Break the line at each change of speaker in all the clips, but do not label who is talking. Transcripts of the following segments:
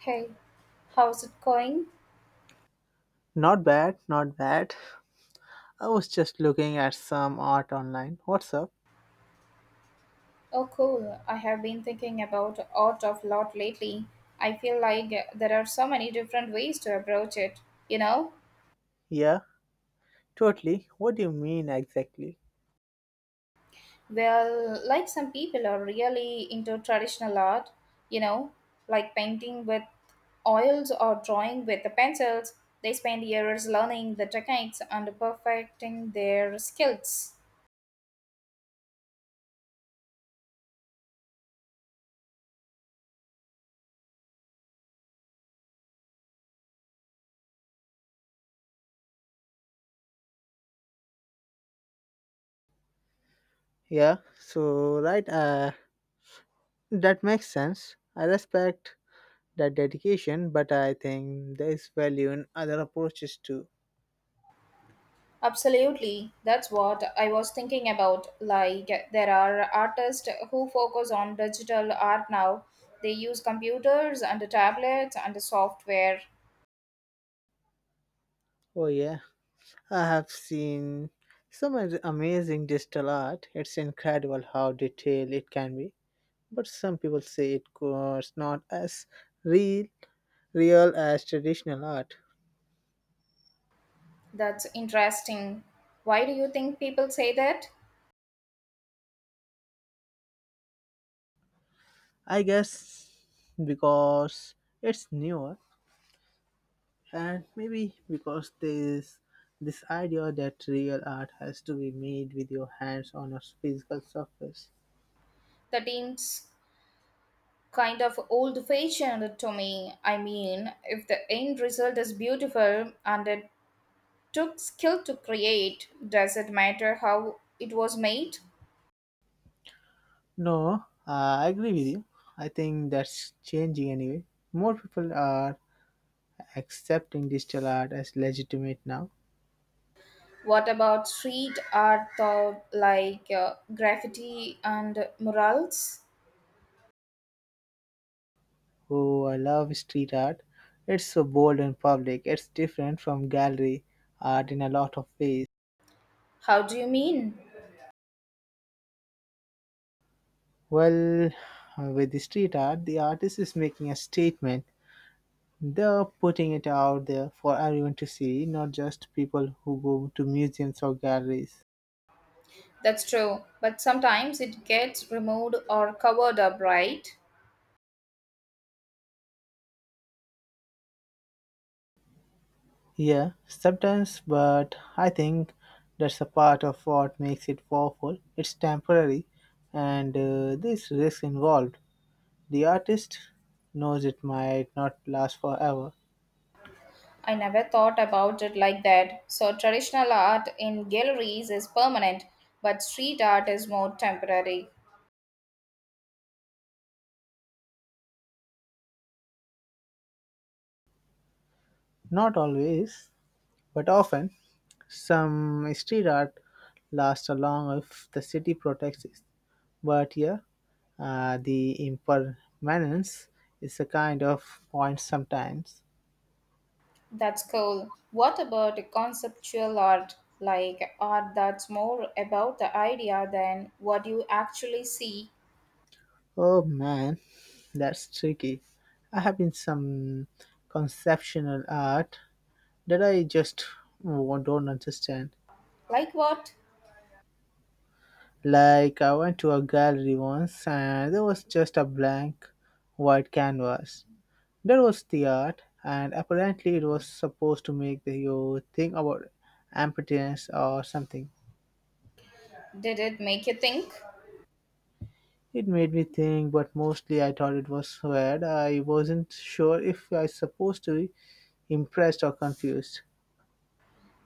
Hey, how's it going?
Not bad, not bad. I was just looking at some art online. What's up?
Oh, cool. I have been thinking about art of lot lately. I feel like there are so many different ways to approach it, you know?
Yeah, totally. What do you mean exactly?
Well, like some people are really into traditional art, you know, like painting with oils or drawing with the pencils. They spend years learning the techniques and perfecting their skills.
Yeah, so right, that makes sense. I respect that dedication, but I think there is value in other approaches too.
Absolutely. That's what I was thinking about. Like, there are artists who focus on digital art now. They use computers and tablets and software.
Oh, yeah, I have seen amazing digital art. It's incredible how detailed it can be, but some people say it was not as real, real as traditional art.
That's interesting. Why do you think people say that?
I guess because it's newer and maybe because there's this idea that real art has to be made with your hands on a physical surface.
That seems kind of old fashioned to me. I mean, if the end result is beautiful and it took skill to create, does it matter how it was made?
No, I agree with you. I think that's changing anyway. More people are accepting digital art as legitimate now.
What about street art, though, like graffiti and murals?
Oh, I love street art. It's so bold and public. It's different from gallery art in a lot of ways.
How do you mean?
Well, with the street art, the artist is making a statement. They're putting it out there for everyone to see, not just people who go to museums or galleries.
That's true, but sometimes it gets removed or covered up, right?
Yeah, sometimes, but I think that's a part of what makes it powerful. It's temporary, and there's risk involved. The artist knows it might not last forever.
I never thought about it like that. So, traditional art in galleries is permanent, but street art is more temporary.
Not always, but often. Some street art lasts along if the city protects it, but yeah, the impermanence is a kind of point sometimes.
That's cool. What about conceptual art? Like art that's more about the idea than what you actually see?
Oh man, that's tricky. I have been some conceptual art that I just don't understand.
Like what?
Like I went to a gallery once and there was just a blank white canvas. That was the art, and apparently it was supposed to make the, you think about impotence or something.
Did it make you think?
It made me think, but mostly I thought it was weird. I wasn't sure if I was supposed to be impressed or confused.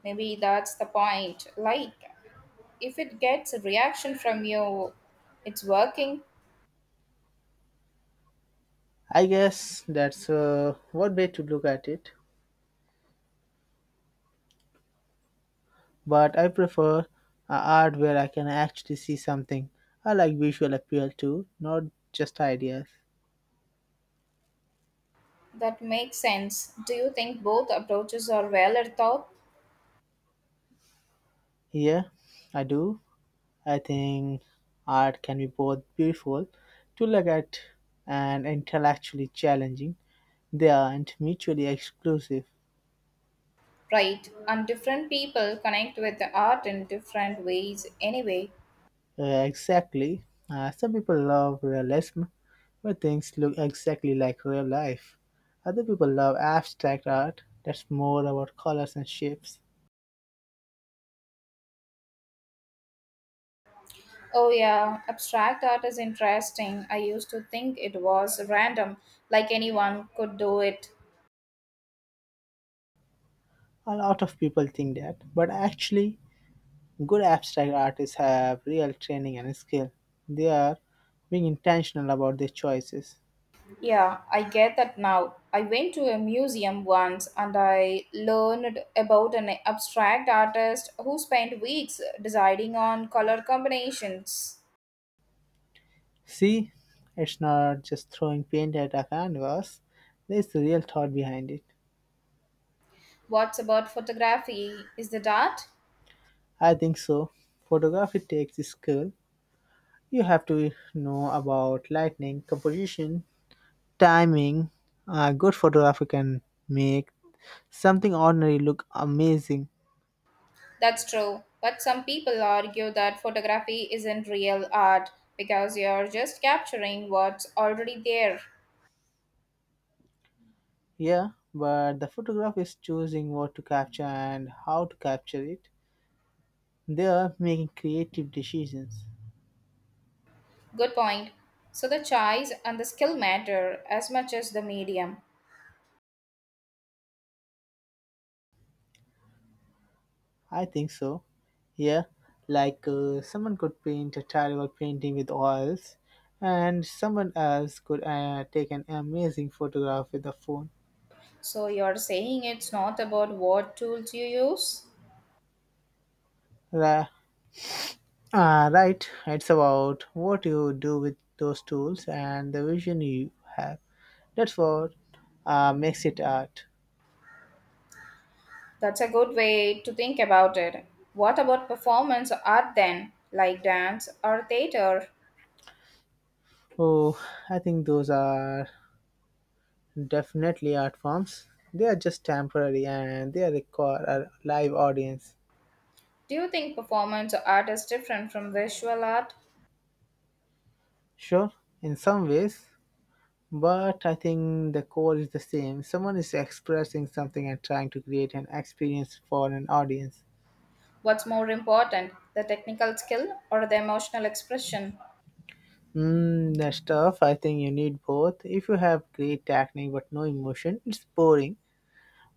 Maybe that's the point. Like, if it gets a reaction from you, it's working.
I guess that's one way to look at it, but I prefer art where I can actually see something. I like visual appeal too, not just ideas.
That makes sense. Do you think both approaches are well thought?
Yeah, I do. I think art can be both beautiful to look at and intellectually challenging. They aren't mutually exclusive.
Right, and different people connect with the art in different ways anyway.
Exactly. Some people love realism, where things look exactly like real life. Other people love abstract art that's more about colors and shapes.
Oh, yeah, abstract art is interesting. I used to think it was random, like anyone could do it.
A lot of people think that, but actually, good abstract artists have real training and skill. They are being intentional about their choices.
Yeah, I get that now. I went to a museum once and I learned about an abstract artist who spent weeks deciding on color combinations.
See, it's not just throwing paint at a canvas, there's a real thought behind it.
What's about photography? Is that art?
I think so. Photography takes skill. You have to know about lighting, composition, timing. A good photographer can make something ordinary look amazing.
That's true, but some people argue that photography isn't real art because you're just capturing what's already there.
Yeah, but the photographer is choosing what to capture and how to capture it. They are making creative decisions.
Good point. So the choice and the skill matter as much as the medium.
I think so. Yeah, like someone could paint a terrible painting with oils, and someone else could take an amazing photograph with a phone.
So you're saying it's not about what tools you use?
Ra- right, it's about what you do with those tools and the vision you have. That's what makes it art.
That's a good way to think about it. What about performance art then, like dance or theater?
Oh, I think those are definitely art forms. They are just temporary and they require a live audience.
Do you think performance art is different from visual art?
Sure, in some ways, but I think the core is the same. Someone is expressing something and trying to create an experience for an audience.
What's more important, the technical skill or the emotional expression?
I think you need both. If you have great technique but no emotion, it's boring.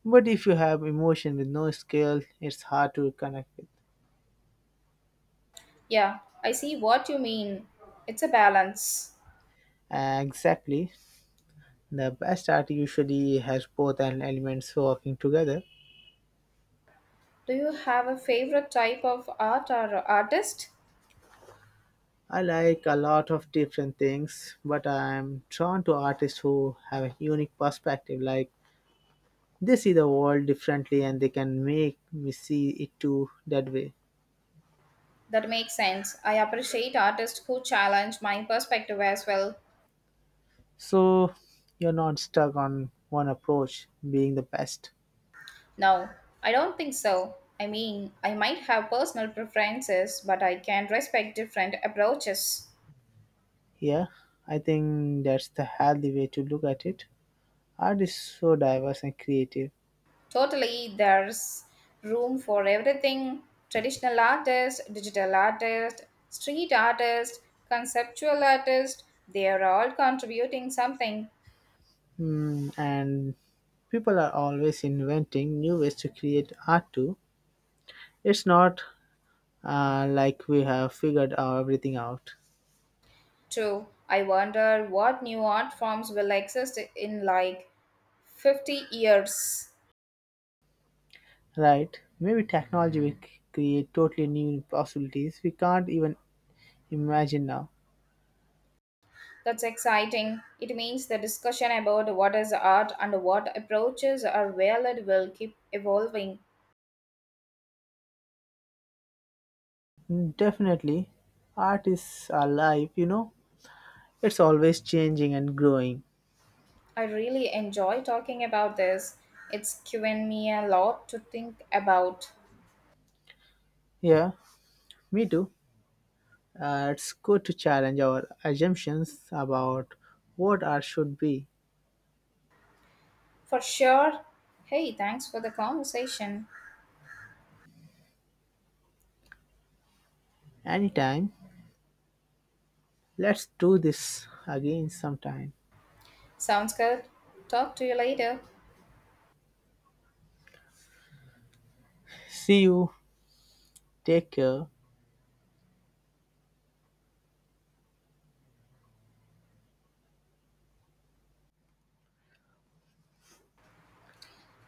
But if you have emotion with no skill, it's hard to connect with.
Yeah, I see what you mean. It's a balance.
Exactly. The best art usually has both an elements working together.
Do you have a favorite type of art or artist?
I like a lot of different things, but I'm drawn to artists who have a unique perspective, like they see the world differently and they can make me see it too that way.
That makes sense. I appreciate artists who challenge my perspective as well.
So you're not stuck on one approach being the best?
No, I don't think so. I mean, I might have personal preferences, but I can respect different approaches.
Yeah, I think that's the healthy way to look at it. Art is so diverse and creative.
Totally, there's room for everything traditional artists, digital artists, street artists, conceptual artists. They are all contributing something
Hmm, and people are always inventing new ways to create art too. It's not like we have figured out everything out.
too. I wonder what new art forms will exist in like 50 years.
Right, maybe technology will create totally new possibilities we can't even imagine now.
That's exciting. It means the discussion about what is art and what approaches are valid will keep evolving.
Definitely, art is alive, you know, it's always changing and growing.
I really enjoy talking about this. It's given me a lot to think about.
Yeah, me too. It's good to challenge our assumptions about what art should be.
For sure. Hey, thanks for the conversation.
Anytime, let's do this again sometime.
Sounds good. Talk to you later.
See you, take care.